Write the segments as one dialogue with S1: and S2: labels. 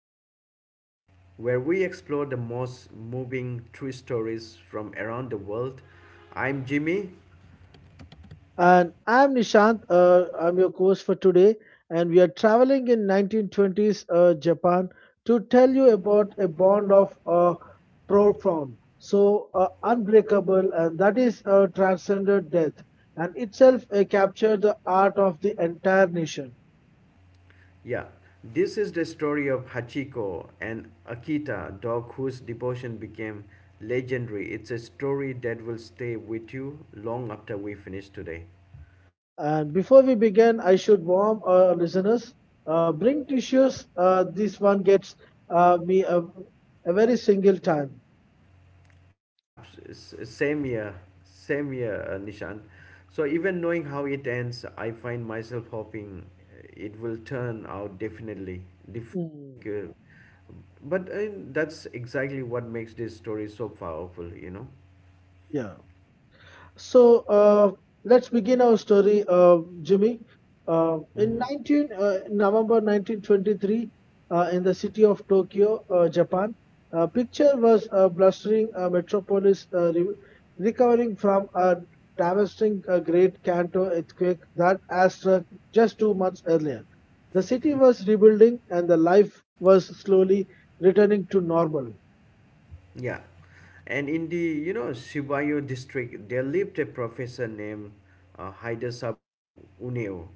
S1: Touch the Heart, where we explore the most moving true stories from around the world. I'm Jimmy.
S2: And I'm Nishant. I'm your host for today, and we are traveling in 1920s Japan to tell you about a bond of profound, unbreakable, and that is transcended death, and itself captured the art of the entire nation.
S1: Yeah, this is the story of Hachiko and Akita, dog whose devotion became legendary. It's a story that will stay with you long after we finish today.
S2: And before we begin, I should warn our listeners: bring tissues. This one gets me a very single time.
S1: Abs- s- same year, Same year, Nishant. So even knowing how it ends, I find myself hoping it will turn out definitely differently
S2: Hmm,
S1: because, but that's exactly what makes this story so powerful, you know.
S2: Yeah. So let's begin our story, Jimmy. In
S1: hmm
S2: 19 November 1923, in the city of Tokyo, Japan, picture was a blustering metropolis recovering from a devastating Great Kanto earthquake that had struck just 2 months earlier. The city was rebuilding, and the life was slowly returning to normal.
S1: Yeah. And in the Shibayo district, there lived a professor named Haida Sabro Uneo.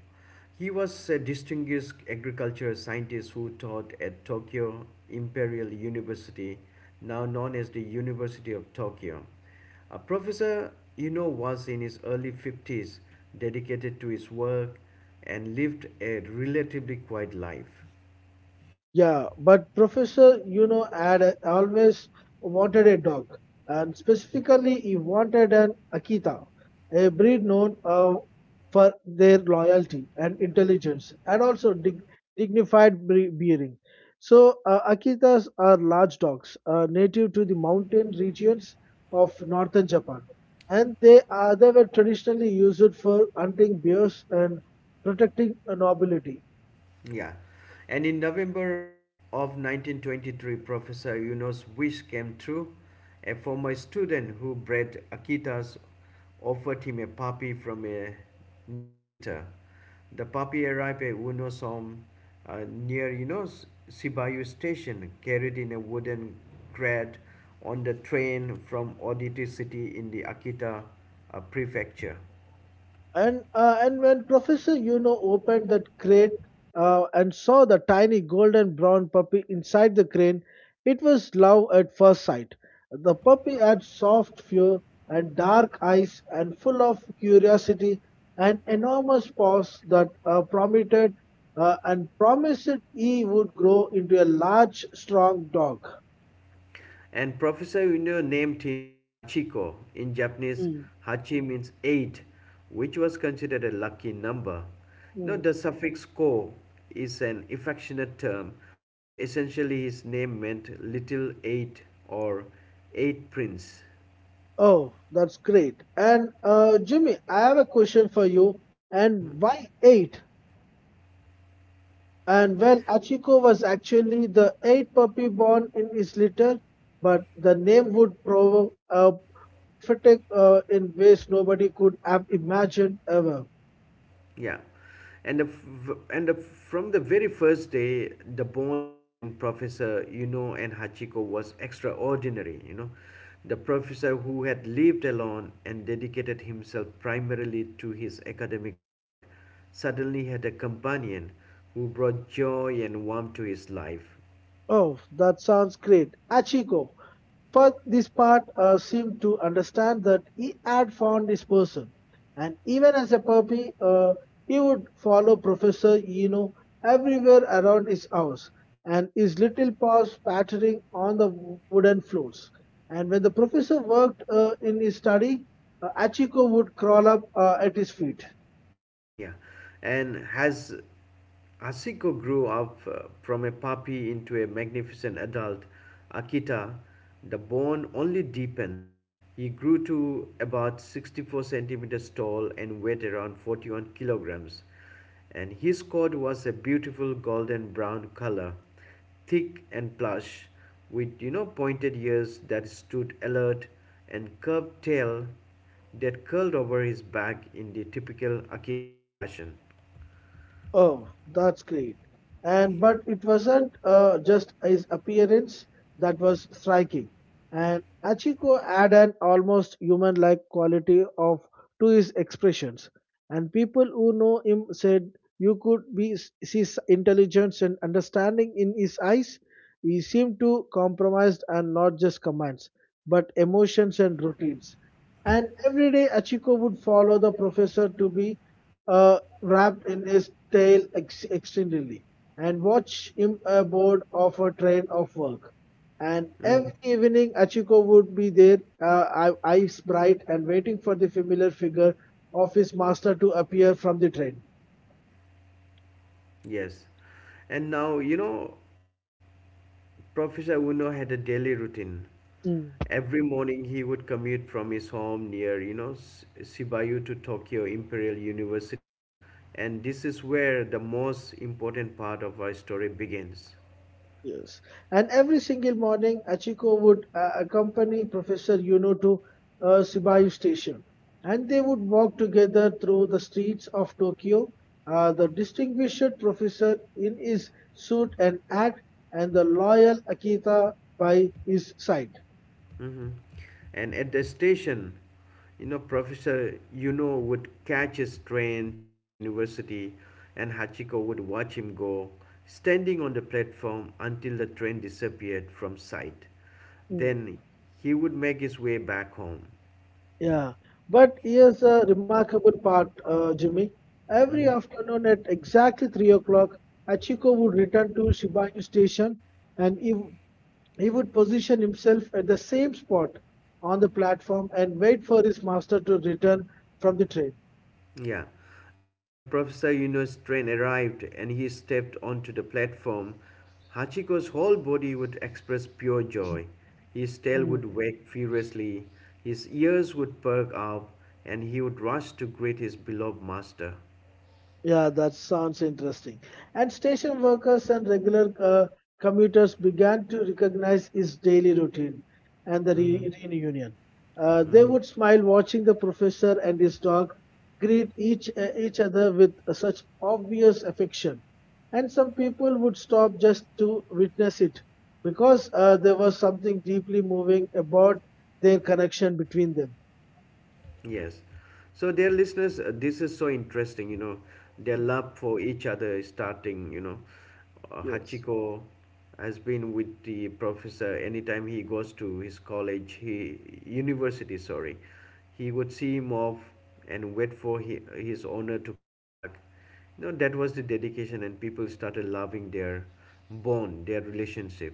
S1: He was a distinguished agricultural scientist who taught at Tokyo Imperial University, now known as the University of Tokyo. A professor, you know, was in his early 50s, dedicated to his work, and lived a relatively quiet life.
S2: Yeah, but Professor, you know, always wanted a dog, and specifically, he wanted an Akita, a breed known for their loyalty and intelligence, and also dignified bearing. So, Akitas are large dogs, native to the mountain regions of northern Japan, and they were traditionally used for hunting bears and protecting nobility.
S1: Yeah. And in November of 1923, Professor Yuno's wish came true. A former student who bred Akitas offered him a puppy from a new litter. The puppy arrived at Uno's home near, you know, Sibayu station, carried in a wooden crate on the train from Oditi city in the Akita prefecture.
S2: And when Professor Yuno opened that crate and saw the tiny golden brown puppy inside the crane, it was love at first sight. The puppy had soft fur and dark eyes and full of curiosity and enormous paws that promised he would grow into a large, strong dog.
S1: And Professor Ueno named him Hachiko. In Japanese, Hachi means eight, which was considered a lucky number. You know,
S2: Hmm.
S1: the suffix ko is an affectionate term, so essentially his name meant little eight or eight prince.
S2: Oh, that's great. And Jimmy, I have a question for you. And why eight? And well, Achiko was actually the eighth puppy born in his litter, but the name would provoke prophetic in ways nobody could have imagined ever.
S1: Yeah, and the f- and the, from the very first day, the bond between Professor Yuno and Hachiko was extraordinary. You know, the professor who had lived alone and dedicated himself primarily to his academic work suddenly had a companion who brought joy and warmth to his life.
S2: Oh, that sounds great. Achiko. For this part seemed to understand that he had found his person, and even as a puppy, he would follow Professor Eno everywhere around his house, and his little paws pattering on the wooden floors. And when the professor worked in his study, Achiko would crawl up at his feet.
S1: Yeah, and as Asiko grew up from a puppy into a magnificent adult Akita, the bond only deepened. He grew to about 64 centimeters tall and weighed around 41 kilograms, and his coat was a beautiful golden brown color, thick and plush, with you know pointed ears that stood alert and curved tail that curled over his back in the typical Akita fashion.
S2: Oh, that's great. And but it wasn't just his appearance that was striking. And Achiko had an almost human-like quality of to his expressions. And people who know him said, you could be, see intelligence and understanding in his eyes. He seemed to compromise and not just commands, but emotions and routines. And every day, Achiko would follow the professor to be wrapped in his tail extendedly and watch him aboard of a train of work. And
S1: Mm,
S2: every evening, Achiko would be there, eyes bright and waiting for the familiar figure of his master to appear from the train.
S1: yes. And now, you know, Professor Uno had a daily routine.
S2: Mm,
S1: Every morning he would commute from his home near, you know, Shibuya to Tokyo Imperial University. And this is where the most important part of our story begins.
S2: Yes. And every single morning, Achiko would accompany Professor Yuno to Shibuya Station, and they would walk together through the streets of Tokyo. The distinguished professor in his suit and hat, and the loyal Akita by his side.
S1: hmm And at the station, you know, Professor Yuno would catch his train to the university, and Hachiko would watch him go, standing on the platform until the train disappeared from sight.
S2: Mm,
S1: Then he would make his way back home.
S2: Yeah, but here's a remarkable part, Jimmy. Every
S1: Mm-hmm.
S2: afternoon at exactly 3 o'clock, Hachiko would return to Shibuya Station, and he would position himself at the same spot on the platform and wait for his master to return from the train.
S1: Yeah, and when Professor Yuno's train arrived and he stepped onto the platform, Hachiko's whole body would express pure joy. His tail
S2: Mm.
S1: would wag furiously, his ears would perk up, and he would rush to greet his beloved master.
S2: Yeah, that sounds interesting. And station workers and regular commuters began to recognize his daily routine and the
S1: Mhm,
S2: re- reunion. They
S1: mhm.
S2: would smile watching the professor and his dog greet each other with such obvious affection. And some people would stop just to witness it because there was something deeply moving about their connection between them.
S1: Yes. So, dear listeners, this is so interesting. You know, their
S2: Mm.
S1: love for each other is starting. You know,
S2: Yes,
S1: Hachiko has been with the professor anytime he goes to his college, he university. Sorry, he would see him off and wait for his owner to come back. You know, that was the dedication, and people started loving their bond, their relationship.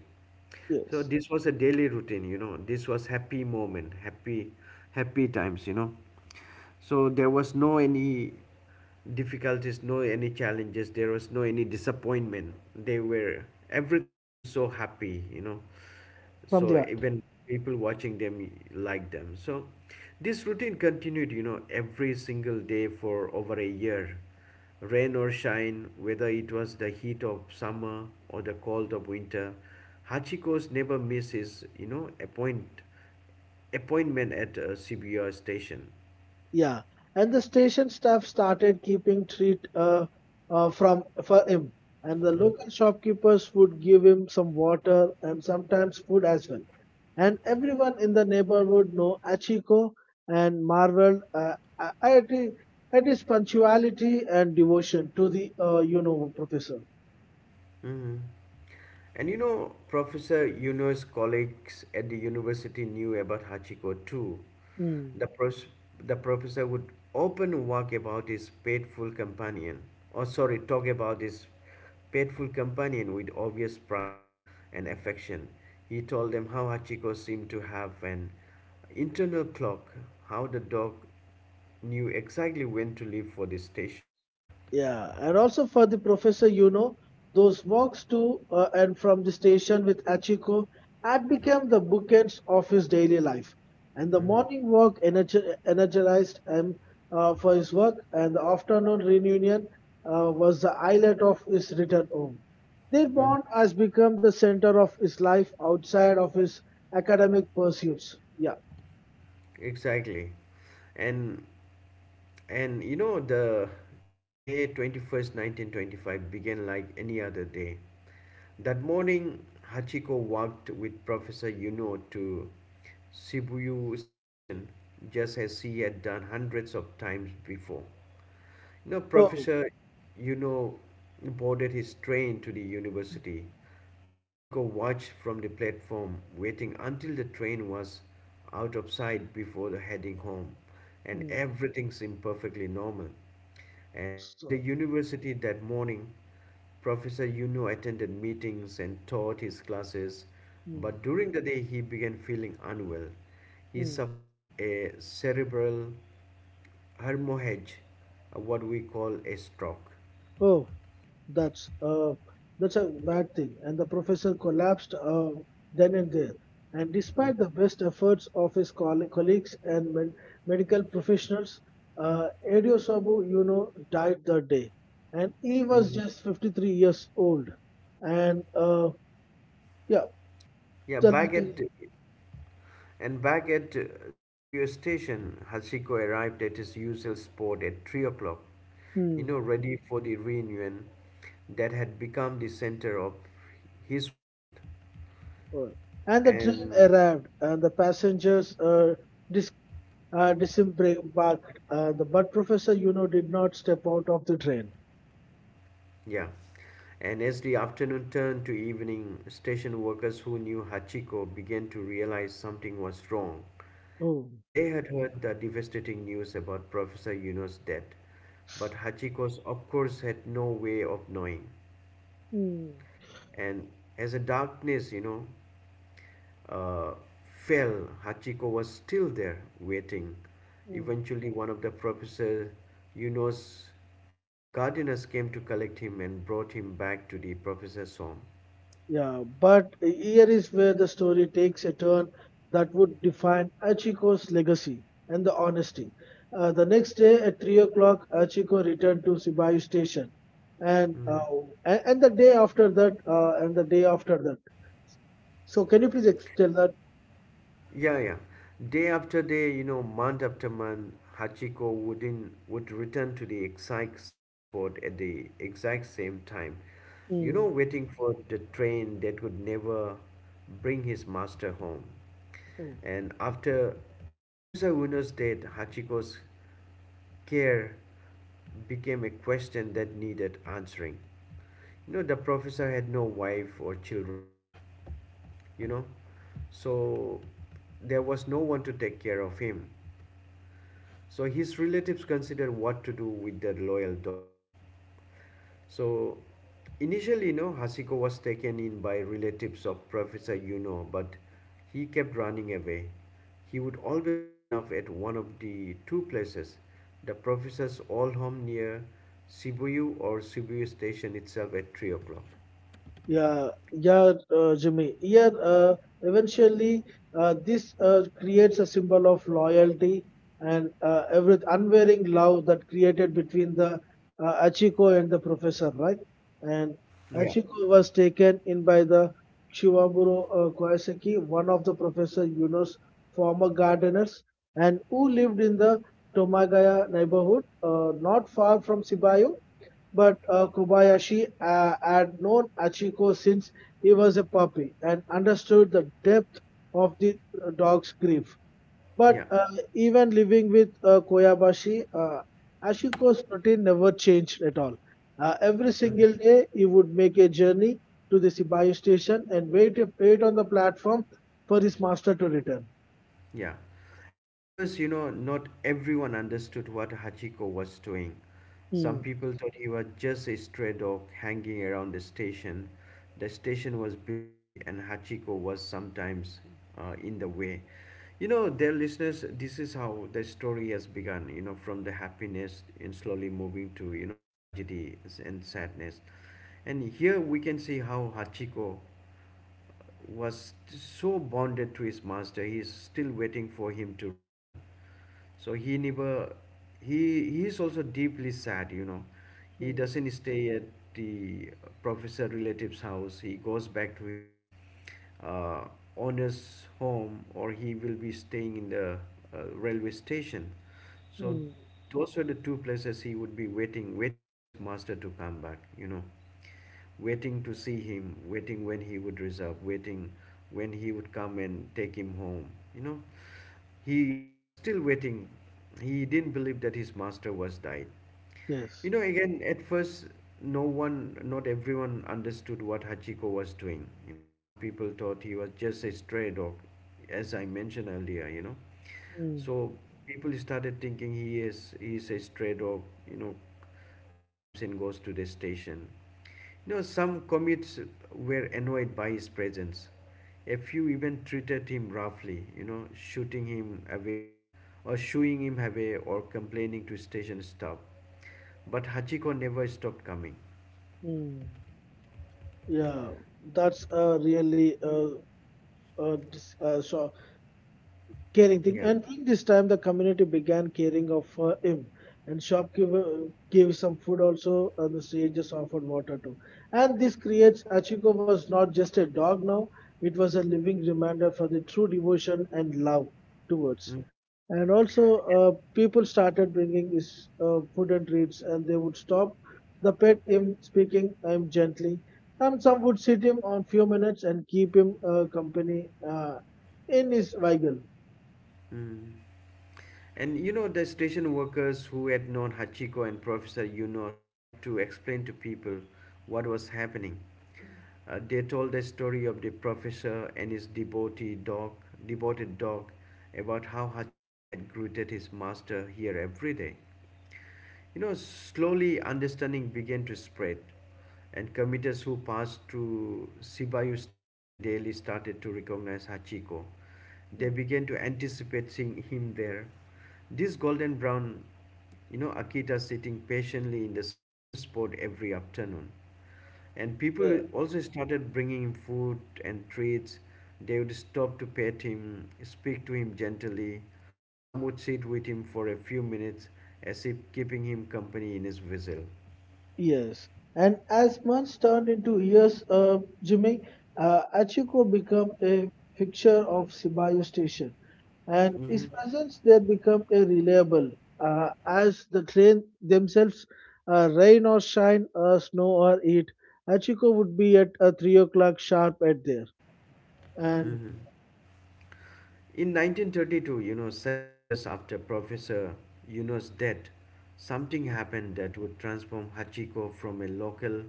S1: So
S2: yes.
S1: this was a daily routine, you know. This was happy moment, happy, happy times, you know. So there was no any difficulties, no any challenges. There was no any disappointment. They were everything seemed so happy, you know,
S2: From
S1: so
S2: the art.
S1: even people watching them like them, so this routine continued you know every single day for over a year, rain or shine, whether it was the heat of summer or the cold of winter. Hachiko's never misses, you know, appointment at a cbr station.
S2: Yeah, and the station staff started keeping treat from for him, and the local shopkeepers would give him some water and sometimes food as well. And everyone in the neighborhood know Achiko and marveled at his punctuality and devotion to the you know professor.
S1: Hmm And you know, Professor Yunus' colleagues at the university knew about Hachiko too. The, pros- the professor would often work about his faithful companion, or sorry, talk about his faithful companion with obvious pride and affection. He told them how Hachiko seemed to have an internal clock, how the dog knew exactly when to leave for the station.
S2: Yeah, and also for the professor, you know, those walks to and from the station with Achiko had become the bookends of his daily life. And the
S1: Mhm.
S2: morning walk energized him for his work, and the afternoon reunion was the highlight of his return home. Their
S1: Mhm.
S2: bond has become the center of his life outside of his academic pursuits. Yeah.
S1: Exactly. And and you know the May 21st, 1925 began like any other day. That morning, Hachiko walked with Professor Yuno to Shibuya Station, just as he had done hundreds of times before. You know,
S2: Oh,
S1: Professor Yuno boarded his train to the university. Hachiko watched from the platform, waiting until the train was out of sight before heading home, and
S2: Mm,
S1: everything seemed perfectly normal. And at the
S2: so-
S1: university that morning, Professor Yuno attended meetings and taught his classes,
S2: mm,
S1: but during the day he began feeling unwell. He
S2: mm.
S1: suffered a cerebral hemorrhage, what we call a stroke.
S2: oh, That's uh, that's a bad thing. And the professor collapsed then and there. And despite the best efforts of his colleagues and medical professionals, Edio Sabu, you know, died that day. And he was
S1: Mhm.
S2: just 53 years old. And yeah,
S1: Yeah,
S2: the
S1: back at
S2: little,
S1: And back at Shibuya station, Hachiko arrived at his usual spot at 3 o'clock, you
S2: hmm,
S1: know, ready for the reunion that had become the center of his world.
S2: oh. and the train
S1: And
S2: arrived, and the passengers dis- disembarked. The but professor, you know, did not step out of the train.
S1: yeah, and as the afternoon turned to evening, station workers who knew Hachiko began to realize something was wrong.
S2: Oh,
S1: And they had heard the devastating news about Professor Yuno's death, but Hachiko's, of course, had no way of knowing.
S2: Hmm,
S1: And as the darkness, you know, uh, fell, Hachiko was still there waiting.
S2: hmm.
S1: Eventually, one of the Professor Yuno's gardeners came to collect him and brought him back to the professor's home.
S2: Yeah, but here is where the story takes a turn that would define Achiko's legacy and the honesty. The next day at 3 o'clock, Achiko returned to Sibayu station. And, uh, and and the day after that, and the day after that. So, can you please tell that?
S1: Yeah, yeah. Day after day, you know, month after month, Hachiko wouldn't would return to the exact same spot at the exact same time. You know,
S2: Hmm.
S1: waiting for the train that would never bring his master home.
S2: Hmm.
S1: And after Professor Uno's death, Hachiko's care became a question that needed answering. You know, the professor had no wife or children, you know, so there was no one to take care of him, so his relatives considered what to do with their loyal dog. So initially, you know, Hasiko was taken in by relatives of Professor Yuno, but he kept running away. He would always end up at one of the two places: the professor's old home near Shibuya, or Shibuya station itself at 3 o'clock.
S2: Yeah, Jimmy. Yeah, Eventually, this creates a symbol of loyalty and every unwavering love that created between the Achiko and the professor, right? And
S1: Yeah,
S2: Achiko was taken in by the Shivamuro Koyaseki, one of the Professor Yuno's former gardeners, and who lived in the Tomagaya neighborhood, not far from Sibayo. But Kobayashi had known Achiko since he was a puppy and understood the depth of the dog's grief. But
S1: yeah.
S2: uh, even living with Koyabashi, Achiko's routine never changed at all. Every
S1: Mhm.
S2: single day, he would make a journey to the Sibayu station and wait on the platform for his master to return.
S1: Yeah. And first, you know, not everyone understood what Hachiko was doing.
S2: Hmm.
S1: Some people thought he was just a stray dog hanging around the station. The station was busy, and Hachiko was sometimes in the way. You know, dear listeners, this is how the story has begun, you know, from the happiness and slowly moving to, you know, tragedy and sadness. And here we can see how Hachiko was so bonded to his master, he is still waiting for him to return. So he never, he is also deeply sad, you know. He
S2: Hmm.
S1: doesn't stay at the professor relative's house. He goes back to his uh, owner's home, or he will be staying in the railway station. So
S2: Hmm.
S1: those were the two places he would be waiting, waiting for his master to come back, you know, waiting to see him, waiting when he would reserve, waiting when he would come and take him home. You know, he was still waiting. He didn't believe that his master was died. You
S2: Yes.
S1: know, again, at first, not everyone understood what Hachiko was doing. You know, some people thought he was just a stray dog, as I mentioned earlier, you know.
S2: Hmm.
S1: So people started thinking he is a stray dog, you know, he comes and goes to the station. You know, some commutes were annoyed by his presence. A few even treated him roughly, you know, shooting him away or shooing him away or complaining to station staff. But Hachiko never stopped coming.
S2: Hmm. Yeah, that's really so caring thing.
S1: Yeah.
S2: And during this time, the community began caring of him. And shopkeeper gave some food also, and the strangers offered water too. And this creates Achiko was not just a dog now; it was a living reminder for the true devotion and love towards
S1: Mm.
S2: and also people started bringing is food and treats and they would stop the pet him speaking him gently and some would sit him on few minutes and keep him company in his vehicle.
S1: Mm. And you know, the station workers who had known Hachiko and Professor Yuno tried to explain to people what was happening. They told the story of the professor and his devoted dog, about how Hachiko had greeted his master here every day. You know, slowly understanding began to spread, and commuters who passed through Shibuya station daily started to recognize Hachiko. They began to anticipate seeing him there, this golden brown, you know, Akita sitting patiently in the same spot every afternoon. And people
S2: Mm.
S1: also started bringing him food and treats. They would stop to pet him, speak to him gently. Some would sit with him for a few minutes as if keeping him company in his vessel.
S2: Yes, and as months turned into years, Jimmy,
S1: Mm,
S2: Achiko became a fixture of Sibayo Station, and his
S1: mhm,
S2: presence there became a reliable as the train themselves, rain or shine, snow or heat, Achiko would be at 3 o'clock sharp at there, and.
S1: mhm. In 1932, you know, 7 years after Professor Yuno's death, something happened that would transform Hachiko from a local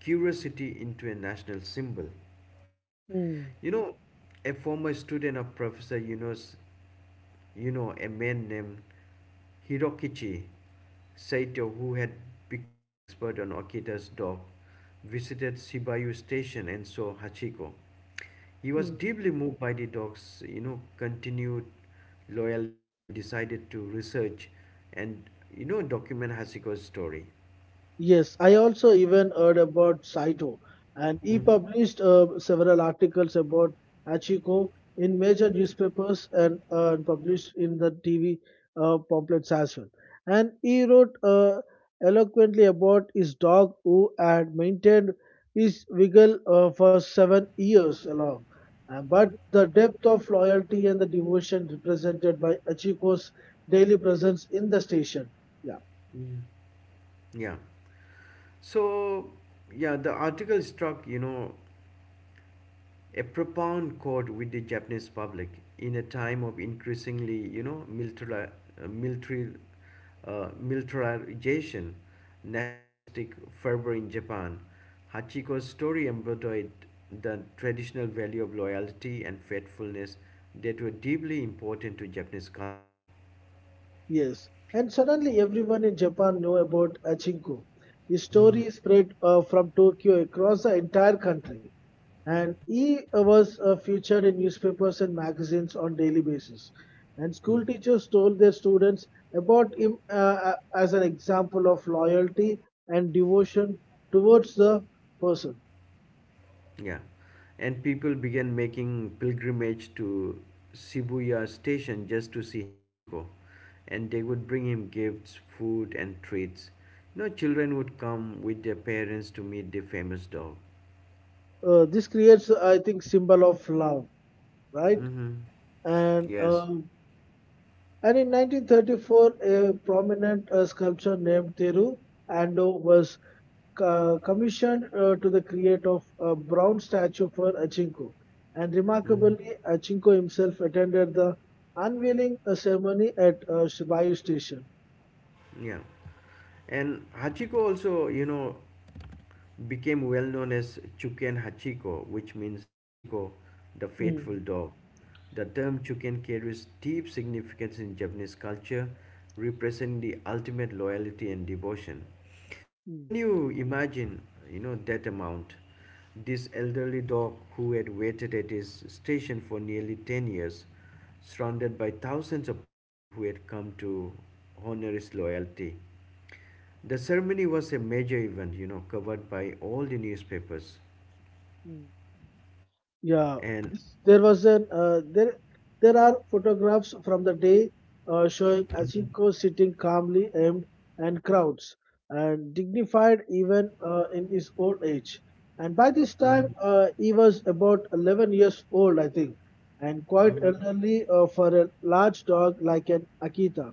S1: curiosity into a national symbol.
S2: Mm,
S1: You know, a former student of Professor Yunos, you know, a man named Hirokichi Saito, who had become an expert on Okita's dog, visited Shibuya Station and saw Hachiko. He was
S2: mm.
S1: deeply moved by the dog's, you know, continued loyalty and decided to research and, you know, document Hachiko's story.
S2: Yes, I also even heard about Saito, and he
S1: hmm
S2: published several articles about Hachiko in major newspapers and published in the TV pamphlets as well. And he wrote eloquently about his dog who had maintained his vigil for 7 years along. But the depth of loyalty and the devotion represented by Achiko's daily presence in the station. Yeah.
S1: Yeah. So, yeah, the article struck, you know, a profound chord with the Japanese public in a time of increasingly, you know, uh, military, militarization, nationalistic fervor in Japan. Hachiko's story embodied the traditional value of loyalty and faithfulness that were deeply important to Japanese culture.
S2: Yes, and suddenly everyone in Japan knew about Achinko. The
S1: Mhm.
S2: story spread from Tokyo across the entire country, and he was featured in newspapers and magazines on daily basis. And
S1: Mm.
S2: school teachers told their students about him as an example of loyalty and devotion towards the person.
S1: Yeah, and people began making pilgrimage to Shibuya station just to see Hachiko, and they would bring him gifts, food, and treats. You know, children would come with their parents to meet the famous dog.
S2: This creates, I think, symbol of love, right?
S1: Mm-hmm.
S2: And
S1: Yes.
S2: um And in 1934, a prominent sculptor named Teru Ando was commissioned to the create of a bronze statue for Achinko. And
S1: Mm-hmm.
S2: remarkably, Achinko himself attended the unveiling ceremony at Shibayu Station.
S1: Yeah. And Hachiko also, you know, became well known as Chuken Hachiko, which means Hachiko, the
S2: Mm,
S1: faithful dog. The term Chuken carries deep significance in Japanese culture, representing the ultimate loyalty and devotion. Now,
S2: mm,
S1: can you imagine, you know, that amount? This elderly dog who had waited at his station for nearly 10 years, surrounded by thousands of people who had come to honor his loyalty. The ceremony was a major event, you know, covered by all the newspapers.
S2: mm. Yeah,
S1: And,
S2: There was an there are photographs from the day showing Achinko sitting calmly aimed and crowds and dignified even in his old age. And by this time,
S1: Mhm.
S2: he was about 11 years old, I think, and quite
S1: Mhm.
S2: elderly for a large dog like an Akita.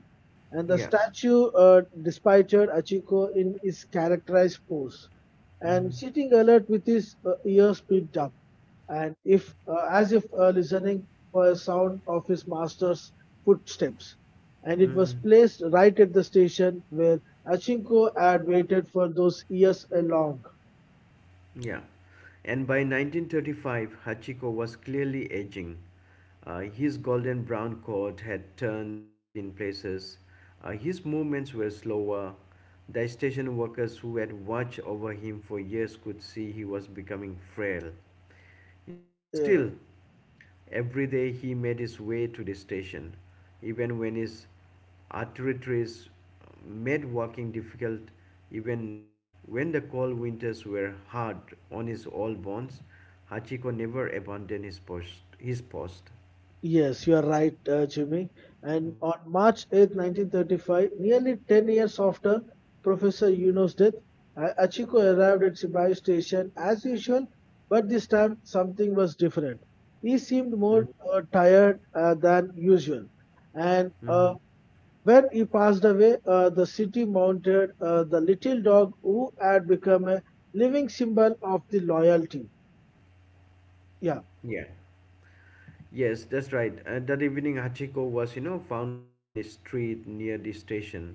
S2: And the
S1: yeah.
S2: statue dispatched Achiko in his characterized pose, and
S1: hmm
S2: sitting alert with his ears picked up, and if as if listening for a sound of his master's footsteps. And it was
S1: hmm
S2: placed right at the station where Achinko had waited for those years along.
S1: Yeah, and by 1935, Hachiko was clearly aging. His golden brown coat had turned white in places. His movements were slower. The station workers who had watched over him for years could see he was becoming frail. You know, but
S2: Yeah.
S1: still. Every day he made his way to the station, even when his arteries made walking difficult, even when the cold winters were hard on his old bones. Hachiko never abandoned his post. His post.
S2: Yes, you are right, Jimmy. And
S1: Mm-hmm.
S2: on March 8, 1935, nearly 10 years after Professor Yuno's death, Achiko arrived at Sibai station as usual, but this time something was different. He seemed more tired than usual. And
S1: Mm-hmm.
S2: uh, when he passed away, the city mounted the little dog who had become a living symbol of the loyalty. Yeah,
S1: Yeah. Yes, that's right. That evening, Hachiko was, you know, found lying in a street near the station.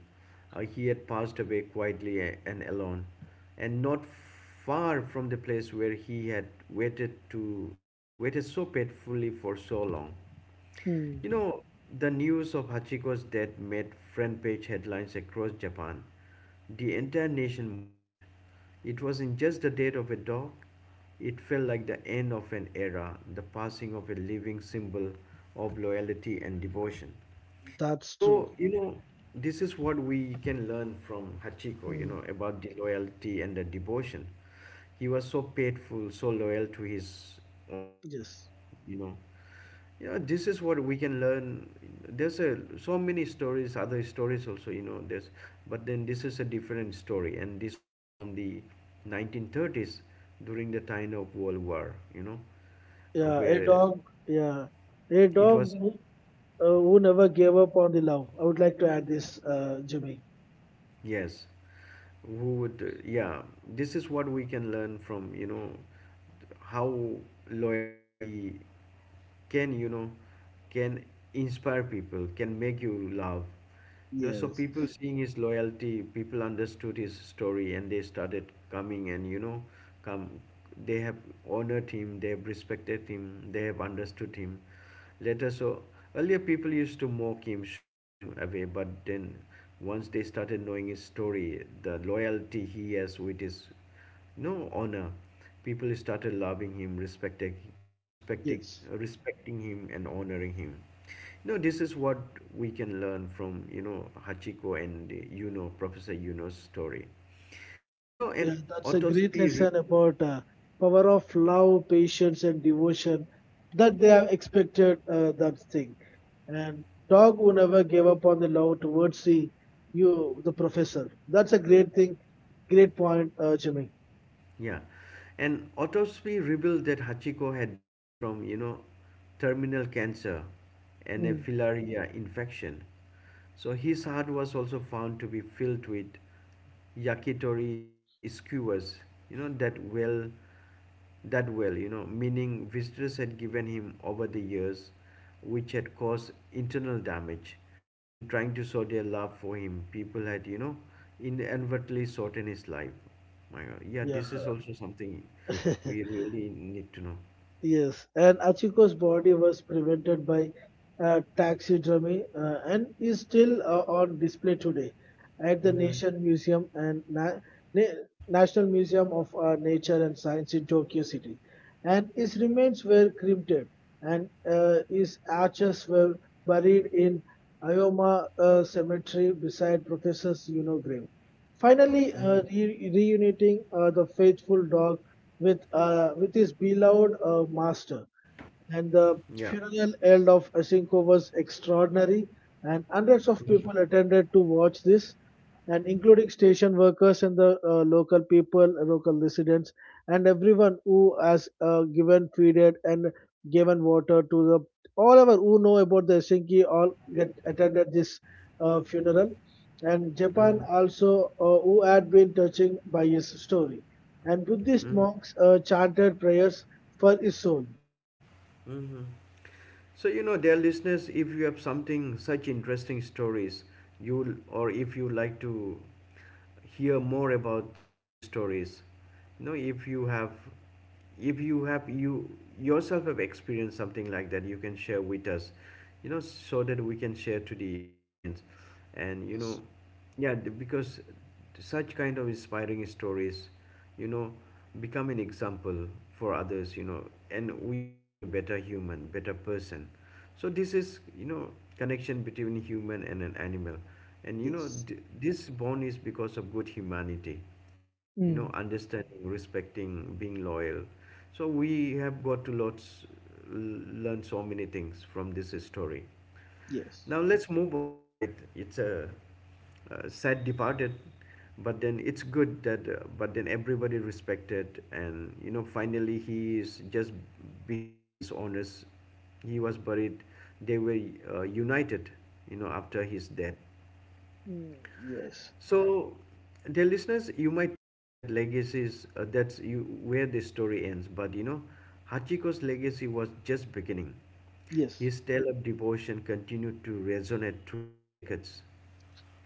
S1: He had passed away quietly and alone, and not far from the place where he had waited to waited so painfully for so long.
S2: Hmm.
S1: You know, the news of Hachiko's death made front page headlines across Japan. The entire nation mourned. It wasn't just the death of a dog, it felt like the end of an era, the passing of a living symbol of loyalty and devotion.
S2: That's true.
S1: So, you know, this is what we can learn from Hachiko, you
S2: Hmm.
S1: know, about the loyalty and the devotion. He was so faithful, so loyal to his honor,
S2: Yes.
S1: you know. You know, this is what we can learn. There's a, so many stories, other stories also, you know, there's, but then this is a different story. And this was from the 1930s during the time of World War, you know,
S2: Yeah, a
S1: where
S2: dog. Yeah, a
S1: it
S2: dog
S1: was
S2: who never gave up on the love. I would like to add this, Jimmy.
S1: Yes, who would, yeah, this is what we can learn from, you know, how loyalty can, you know, can inspire people, can make you love. You know, so
S2: Yes,
S1: people seeing his loyalty, people understood his story and they started coming and, you know, come, they have honored him, they have respected him, they have understood him later. So earlier people used to mock him, shoo him away, but then once they started knowing his story, the loyalty he has with his no honor, people started loving him, respecting, respecting,
S2: yes.
S1: respecting him, and honoring him. You know, this is what we can learn from you know Hachiko and you know Professor Yuno's story, and you know
S2: Yeah,
S1: and
S2: that's a great
S1: Otospi.
S2: lesson about power of love, patience, and devotion that they have expected that thing. And dog who never gave up on the love towards the you, the professor. That's a great thing. Great point, Jimmy.
S1: Yeah. An autopsy revealed that Hachiko had died from, you know, terminal cancer and a
S2: Mm.
S1: filaria infection. So his heart was also found to be filled with yakitori skewers, you know, that well, you know, meaning visitors had given him over the years, which had caused internal damage. In trying to sow their love for him, people had, you know, inadvertently shortened his life. My God, yeah,
S2: Yeah.
S1: this is also something we really need to know.
S2: Yes, and Achiko's body was prevented by taxidermy and is still on display today at the
S1: Mm-hmm.
S2: Nation Museum and Na- National Museum of Nature and Science in Tokyo City. And his remains were cremated, and his ashes were buried in Ayoma Cemetery beside Professor Yuno grave. Finally, reuniting the faithful dog with his beloved master, and the
S1: Yeah.
S2: funeral held of Asenko was extraordinary, and hundreds of people attended to watch this, and including station workers and the local people, local residents, and everyone who has given feeded and given water to the all our who know about the Helsinki all get attended this funeral, and Japan
S1: Mm-hmm.
S2: also who had been touching by his story, and Buddhist monks chanted prayers for his soul.
S1: Mm-hmm. So you know, dear listeners, if you have something such interesting stories, you or if you like to hear more about such stories, you know if you have if you yourself have experienced something like that you can share with us you know so that we can share to the audience and you know
S2: Yes.
S1: yeah because such kind of inspiring stories you know become an example for others you know and we become a better human better person so this is you know connection between human and an animal and you know
S2: Yes.
S1: this bond is because of good humanity you know
S2: Mm.
S1: understanding respecting being loyal so we have got to lots learn so many things from this story
S2: Yes.
S1: now let's move on right it's a, sad departed but then it's good that but then everybody respected and you know finally he is just behind his honors he was buried they were united you know after his death
S2: Mm. Yes.
S1: so, dear listeners, you might think that legacy is that's you where the story ends, but you know, Hachiko's legacy was just beginning.
S2: Yes.
S1: His tale of devotion continued to resonate through the decades.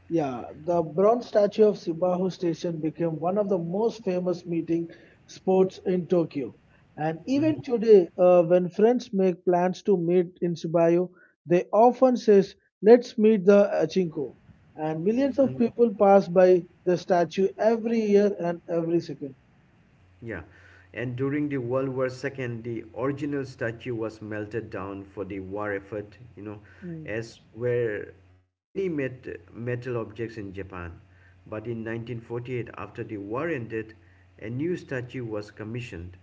S2: Yeah. The bronze statue of Sibahu Station became one of the most famous meeting spots in Tokyo. And even today, when friends make plans to meet in Sibayu, they often says, "Let's meet the Achinko." And millions of
S1: Mhm.
S2: people pass by the statue every year and every second.
S1: Yeah, and during the World War II, the original statue was melted down for the war effort, you know,
S2: Mm.
S1: as were many metal objects in Japan. But in 1948, after the war ended, a new statue was commissioned,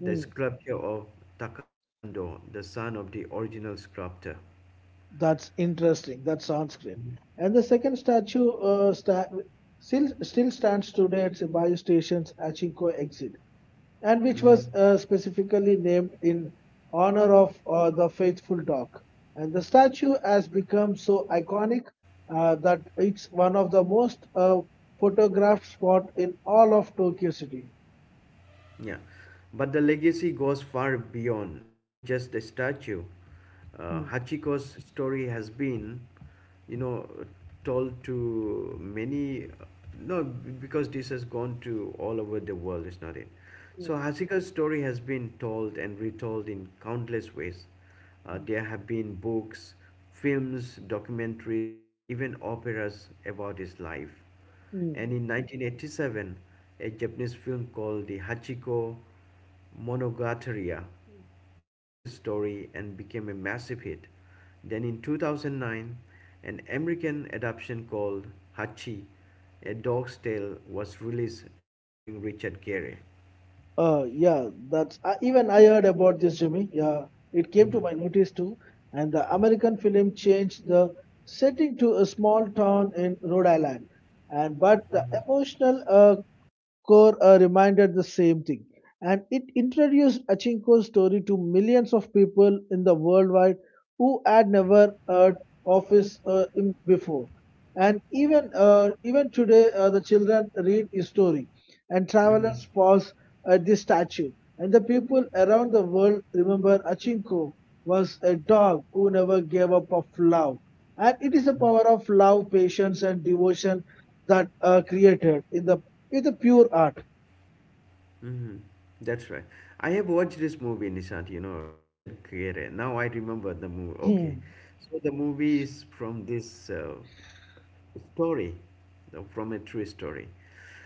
S1: the sculpture of Takashi Ando, the son of the original sculptor.
S2: That's interesting. That sounds great. And the second statue still, stands today at Bayu Station's Achinko exit, and which
S1: Hmm
S2: was specifically named in honor of the faithful dog. And the statue has become so iconic that it's one of the most photographed spot in all of Tokyo City.
S1: Yeah, but the legacy goes far beyond, you know, just a statue.
S2: Hmm.
S1: Hachiko's story has been, you know, told to many, no, because this has gone to all over the world, is not it? So
S2: Mm,
S1: Hachiko's story has been told and retold in countless ways.
S2: mm,
S1: There have been books, films, documentaries, and even operas about his life. And
S2: mm.
S1: in 1987, a Japanese film called the Hachiko Monogatari told this story and became a massive hit. Then in 2009, an American adaptation called Hachi, A Dog's Tale was released starring Richard Gere.
S2: Yeah, that's even I heard about this, Jimmy. Yeah, it came
S1: Hmm
S2: to my notice too. And the American film changed the setting to a small town in Rhode Island, and but the
S1: hmm
S2: emotional core reminded the same thing, and it introduced achinko's story to millions of people in the worldwide who had never heard of his before, and even even today the children read his story and
S1: hmm
S2: travelers pause at this statue, and the people around the world remember achinko was a dog who never gave up of love, and it is the power of love, patience, and devotion that are created in the pure art.
S1: Mm-hmm. That's right. I have watched this movie, Nishant, you know, Richard Gere. Now I remember the movie. Okay.
S2: Hmm.
S1: So the movie is from this story, from a true story.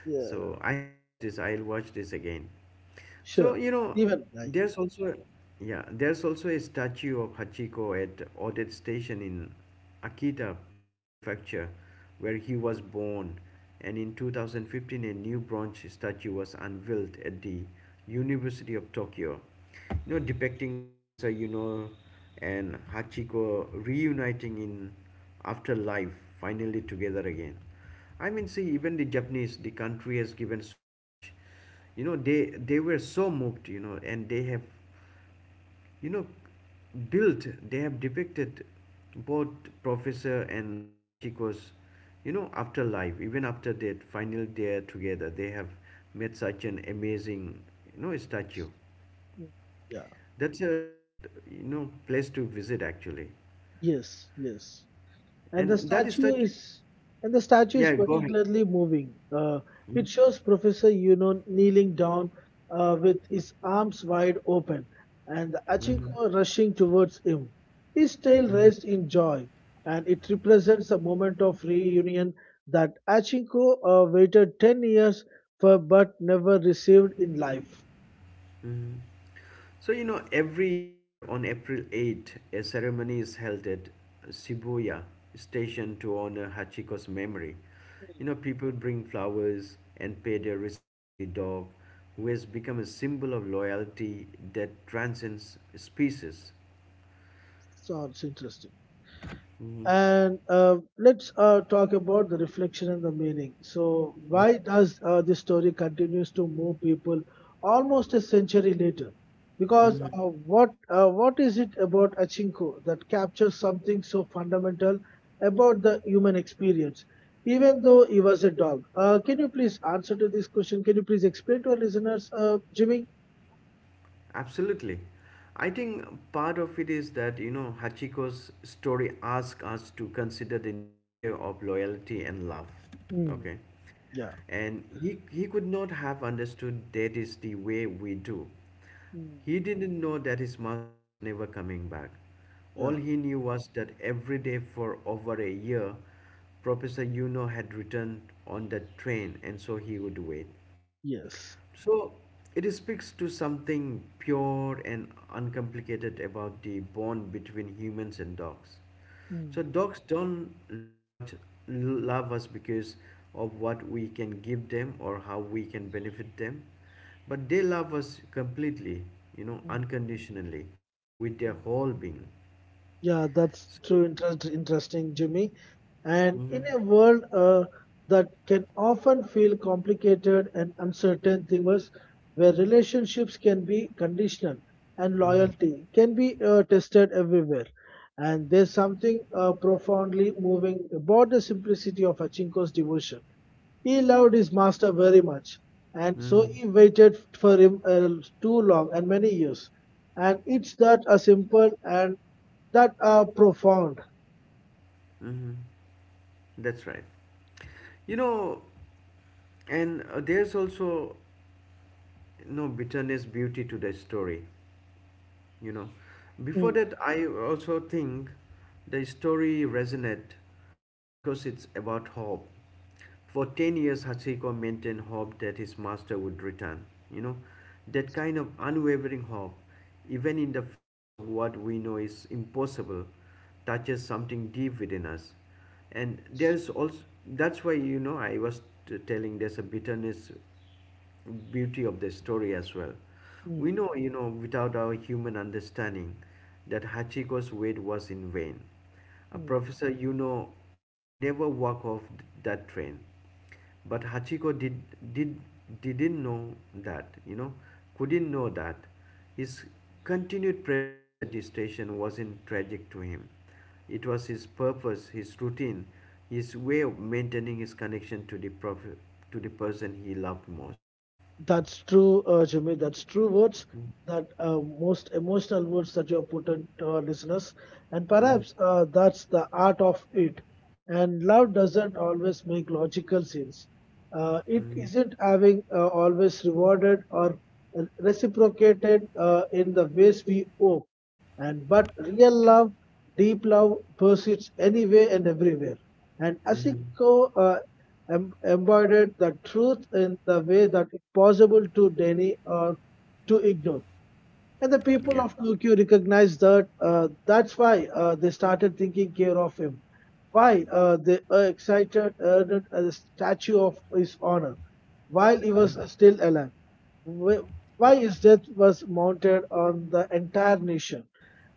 S2: Yeah,
S1: So I have watched this. I'll watch this again. So,
S2: sure.
S1: you know,
S2: Even I.
S1: there's also yeah, there's also a statue of Hachiko at Odette Station in Akita Prefecture, where he was born. And in 2015, a new bronze statue was unveiled at the University of Tokyo, you know, depicting Professor Yuno and Hachiko reuniting in afterlife, finally together again. I mean, see, even the Japanese, the country has given so much you know they were so moved you know and they have you know built they have depicted both professor and hachiko's you know afterlife even after that final day together they have made such an amazing you know statue
S2: Yeah.
S1: that's a you know place to visit actually
S2: Yes. Yes. and the
S1: and that
S2: statue
S1: statue
S2: is and the statue is
S1: yeah go ahead
S2: particularly moving. It
S1: Mhm,
S2: shows Professor Yuno kneeling down with his arms wide open, and
S1: mhm,
S2: Achinko rushing towards him. His tail
S1: mhm,
S2: raised in joy, and it represents a moment of reunion that Achinko waited 10 years for but never received in life.
S1: mhm. So, you know, every year on April 8, a ceremony is held at Shibuya Station to honor Hachiko's memory. You know, people bring flowers and pay their respect to the dog, who has become a symbol of loyalty that transcends species.
S2: Sounds interesting.
S1: Mm-hmm.
S2: And let's talk about the reflection and the meaning. So, why does this story continues to move people almost a century later? Because
S1: Mm-hmm.
S2: what is it about Achinko that captures something so fundamental about the human experience? Even though he was a dog, can you please answer to this question? Can you please explain to our listeners, Jimmy?
S1: Absolutely. I think part of it is that, you know, Hachiko's story asks us to consider the nature of loyalty and love.
S2: Mm,
S1: Okay.
S2: yeah,
S1: And he could not have understood that is the way we do.
S2: mm,
S1: He didn't know that his master was never coming back. All
S2: yeah,
S1: he knew was that every day for over a year, Professor Yuno had returned on that train, and so he would wait.
S2: yes,
S1: So it speaks to something pure and uncomplicated about the bond between humans and dogs. So
S2: mm,
S1: dogs don't love us because of what we can give them or how we can benefit them, but they love us completely, you know,
S2: mm,
S1: unconditionally, with their
S2: mm.
S1: whole being.
S2: Yeah, that's
S1: So,
S2: true. Interesting, Jimmy. And
S1: mm-hmm,
S2: in a world that can often feel complicated and uncertain, things where relationships can be conditional and
S1: mm-hmm,
S2: loyalty can be tested everywhere. And there's something profoundly moving about the simplicity of Achinko's devotion. He loved his master very much, and so
S1: mm-hmm,
S2: he waited for him too long and many years. And it's that a simple and that are profound.
S1: mm-hmm. That's right. You know, and there's also no bitterness beauty to the story you know before
S2: Mm,
S1: that I also think the story resonate because it's about hope for 10 years hachiko maintained hope that his master would return you know that kind of unwavering hope even in the face of what we know is impossible touches something deep within us and there's also that's why you know I was telling there's a bitterness beauty of the story as well. We
S2: mm,
S1: know, you know, without our human understanding, that Hachiko's wait was in vain. A
S2: mm.
S1: professor, you know, would never walk off that train. But Hachiko did didn't know that, you know, couldn't know that. His continued presence at the station wasn't tragic to him. It was his purpose, his routine, his way of maintaining his connection to the to the person he loved most.
S2: That's true, Jimmy. That's true words. That most emotional words that you have put into our listeners. And perhaps
S1: Hmm
S2: that's the art of it. And love doesn't always make logical sense. It
S1: hmm
S2: isn't having always rewarded or reciprocated in the ways we hope. And but real love, deep love, persists anyway and everywhere. And
S1: hmm
S2: Asiko embodied the truth in the way that it's possible to deny or to ignore. And the people
S1: Yeah.
S2: of Tokyo recognized that. That's why they started taking care of him. Why they excited erected a statue of his honor while he was
S1: hmm
S2: still alive. Wh- Why his death was mounted on the entire nation.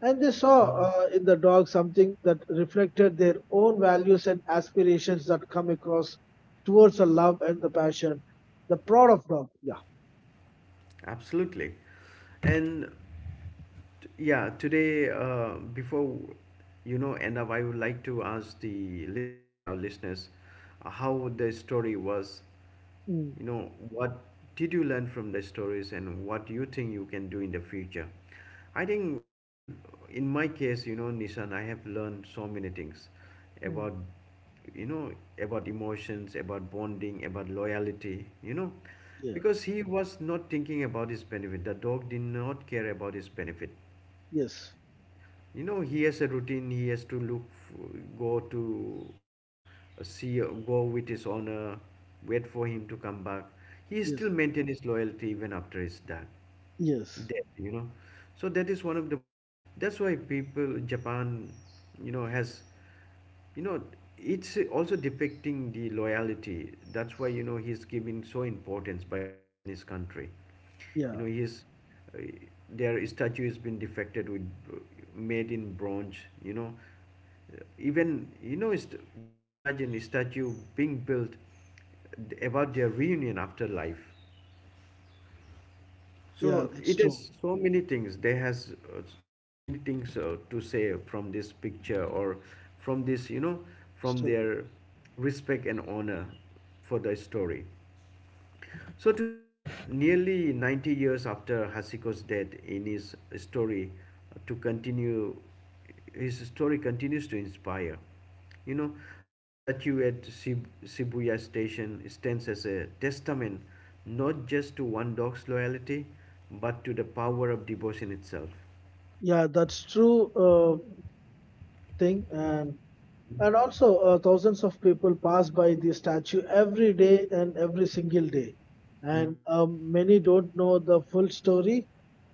S2: And they saw
S1: hmm
S2: in the dog something that reflected their own values and aspirations that come across towards the love and the passion, the prod of dog. Yeah.
S1: Absolutely. And yeah, today, before you know, end up, I would like to ask the listeners, our listeners, how the story was.
S2: Mm,
S1: You know, what did you learn from the stories, and what do you think you can do in the future? I think we have, in my case, you know, Nishan, I have learned so many things
S2: mm,
S1: about, you know, about emotions, about bonding, about loyalty, you know,
S2: yeah.
S1: because he was not thinking about his benefit. The dog did not care about his benefit.
S2: Yes.
S1: You know, he has a routine. He has to go to see, go with his honor, wait for him to come back. He
S2: Yes.
S1: still maintain his loyalty even after his death
S2: Yes.
S1: death You know, so that is one of the most— that's why people Japan, you know, has, you know, it's also depicting the loyalty. That's why, you know, he's giving so importance by the Japanese country. You know,
S2: Yeah.
S1: he's uh, their statue has been defected with, made in bronze, you know. Even, you know, it's— just imagine a statue being built, about their reunion after life.
S2: Yeah.
S1: So
S2: That's
S1: it
S2: true.
S1: has so many things. There has, so many things, to say from this picture, or from this, you know, from
S2: Story.
S1: their respect and honor for the story. So today, nearly 90 years after Hasiko's death, in his story, uh, to continue, his story continues to inspire. You know, the statue at Shibuya Station stands as a testament not just to one dog's loyalty, but to the power of devotion itself.
S2: Yeah, that's true. Thing and also thousands of people pass by the statue every day and every single day, and
S1: Mm-hmm.
S2: many don't know the full story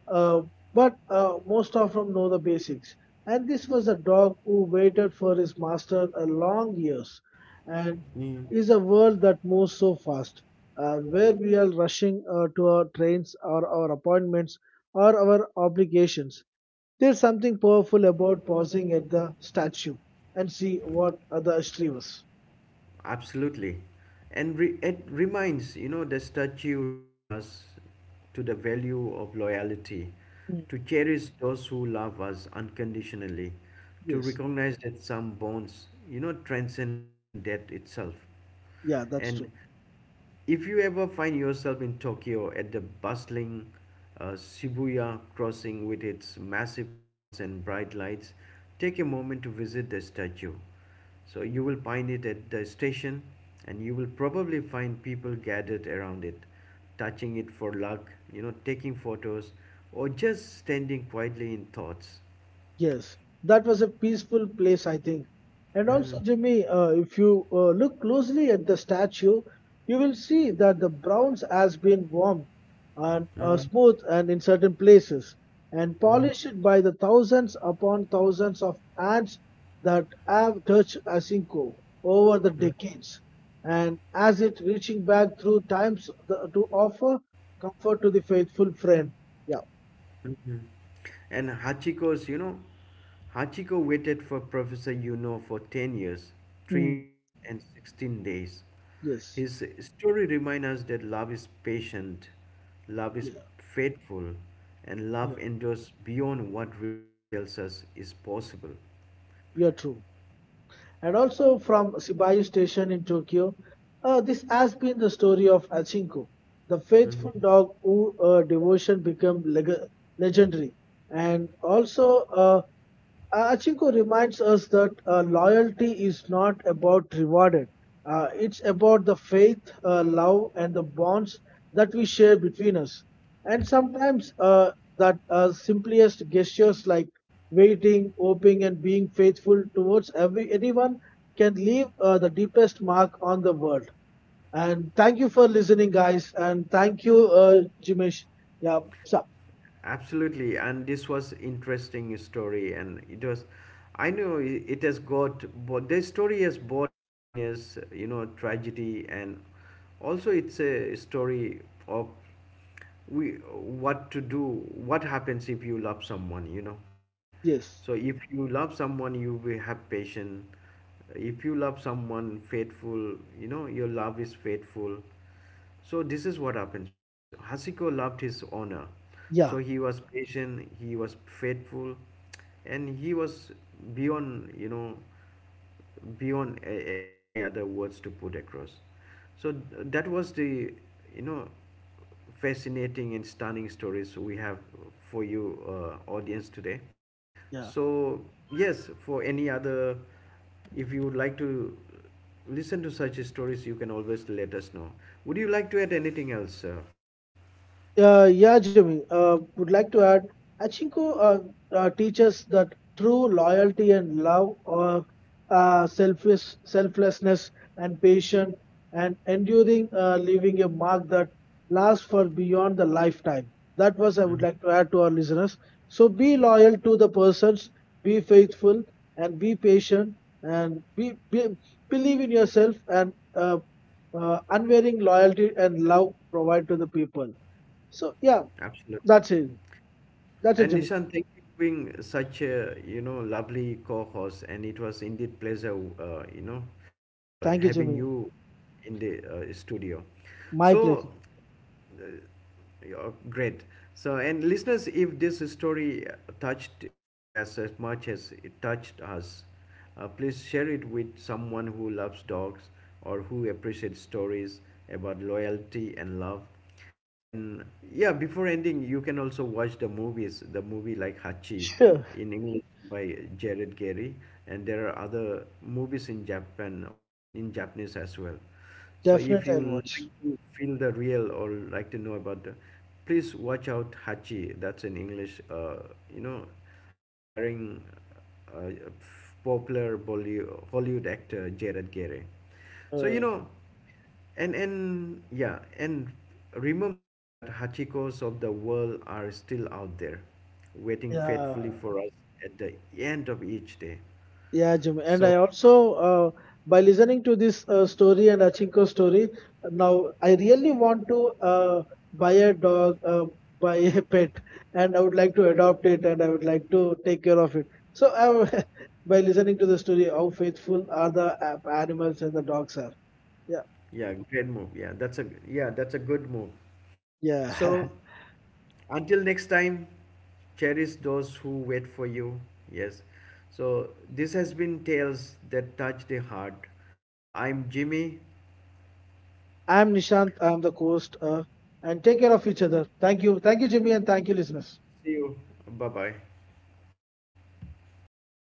S2: uh, but most of them know the basics, and this was a dog who waited for his master a long years, and
S1: mm
S2: is a world that moves so fast where we are rushing to our trains or our appointments or our obligations, there's something powerful about pausing at the statue and see what other history was.
S1: Absolutely. And it reminds, you know, the statue remind us to the value of loyalty,
S2: Mm.
S1: to cherish those who love us unconditionally, to
S2: Yes,
S1: recognize that some bonds, you know, transcend even death itself.
S2: yeah, that's true.
S1: And if you ever find yourself in Tokyo at the bustling Shibuya crossing with its massive crowds and bright lights, take a moment to visit the statue. So you will find it at the station, and you will probably find people gathered around it, touching it for luck, you know, taking photos, or just standing quietly in thoughts.
S2: Yes, that was a peaceful place, I think. And also,
S1: Mm,
S2: Jimmy, if you look closely at the statue, you will see that the bronze has been warmed and
S1: mm, mm,
S2: smooth and in certain places and
S1: mm.
S2: polished by the thousands upon thousands of hands that have touched Asinko over the decades. And as it reaching back through times the, to offer comfort to the faithful friend. Yeah.
S1: Mhm. And Hachiko's, you know, Hachiko waited for Professor Yuno for 10 years, 3
S2: Mm.
S1: months, and 16 days.
S2: Yes.
S1: His story reminds us that love is patient, love is
S2: Yeah.
S1: faithful, and
S2: Yeah.
S1: love endures beyond what reason tells us is possible.
S2: You're true. And also from Sibayu Station in Tokyo, this has been the story of Achinko, the faithful dog whose devotion became legendary. And also, Achinko reminds us that loyalty is not about rewarded. It's about the faith, love, and the bonds that we share between us. And sometimes that simplest gestures like waiting, hoping, and being faithful towards every anyone can leave the deepest mark on the world. And thank you for listening, guys. And thank you, Jimesh. Yeah. So,
S1: Absolutely, and this was interesting story, and it was— I know it has got, but the story has both happiness, you know, tragedy, and also it's a story of we what to do, what happens if you love someone, you know, right?
S2: yes.
S1: So if you love someone, you will have patience. If you love someone faithful, you know, your love is faithful. So this is what happens, because Hasiko loved his owner,
S2: Yeah.
S1: so he was patient, he was faithful, and he was beyond, you know, beyond any other words to put across. So that was the, you know, fascinating and stunning stories we have for you, audience today.
S2: Yeah.
S1: So yes, for any other— if you would like to listen to such stories, you can always let us know. Would you like to add anything else, sir?
S2: Yeah, Jimmy, would like to add, Achinko teaches that true loyalty and love or selflessness and patience and enduring leaving a mark that lasts for beyond the lifetime. That was I would
S1: Mhm.
S2: like to add to our listeners. So be loyal to the persons, be faithful and be patient and be believe in yourself and unwavering loyalty and love provide to the people. So yeah,
S1: Absolutely.
S2: that's it. That's it,
S1: And
S2: Jimmy.
S1: Nishan, thank you for being such a, you know, lovely co-host, and it was indeed pleasure, you know,
S2: Thank you,
S1: having
S2: Jimmy.
S1: you in the studio.
S2: My
S1: So
S2: pleasure.
S1: uh, yeah, great. So and listeners, if this story touched you as much as it touched us, please share it with someone who loves dogs, or who appreciates stories about loyalty and love. And yeah, before ending, you can also watch the movies, the movie like Hachi
S2: Sure,
S1: in English by Jared Gary, and there are other movies in Japan also, in Japanese as well. So if
S2: definitely
S1: you
S2: I'll
S1: like
S2: watch.
S1: to feel the real, or like to know about the, please watch out Hachi. That's in English, you know, starring uh, popular Hollywood actor Jared Gary. So you
S2: Uh,
S1: know. And yeah, and remember that hachikos of the world are still out there, waiting faithfully
S2: yeah,
S1: for us at the end of each day.
S2: yeah, Jimmy. And I
S1: So
S2: also, by listening to this story and Achinko story, now I really want to buy a dog, buy a pet, and I would like to adopt it, and I would like to take care of it. So I, by listening to the story, how faithful are the animals and the dogs are. Yeah,
S1: yeah, great move. Yeah, that's a— yeah, that's a good move.
S2: yeah.
S1: So until next time, cherish those who wait for you. Yes. So this has been Tales That Touch the Heart. I'm Jimmy.
S2: I'm Nishant. I'm the host. And take care of each other. Thank you. Thank you, Jimmy, and thank you, listeners.
S1: See you. Bye bye.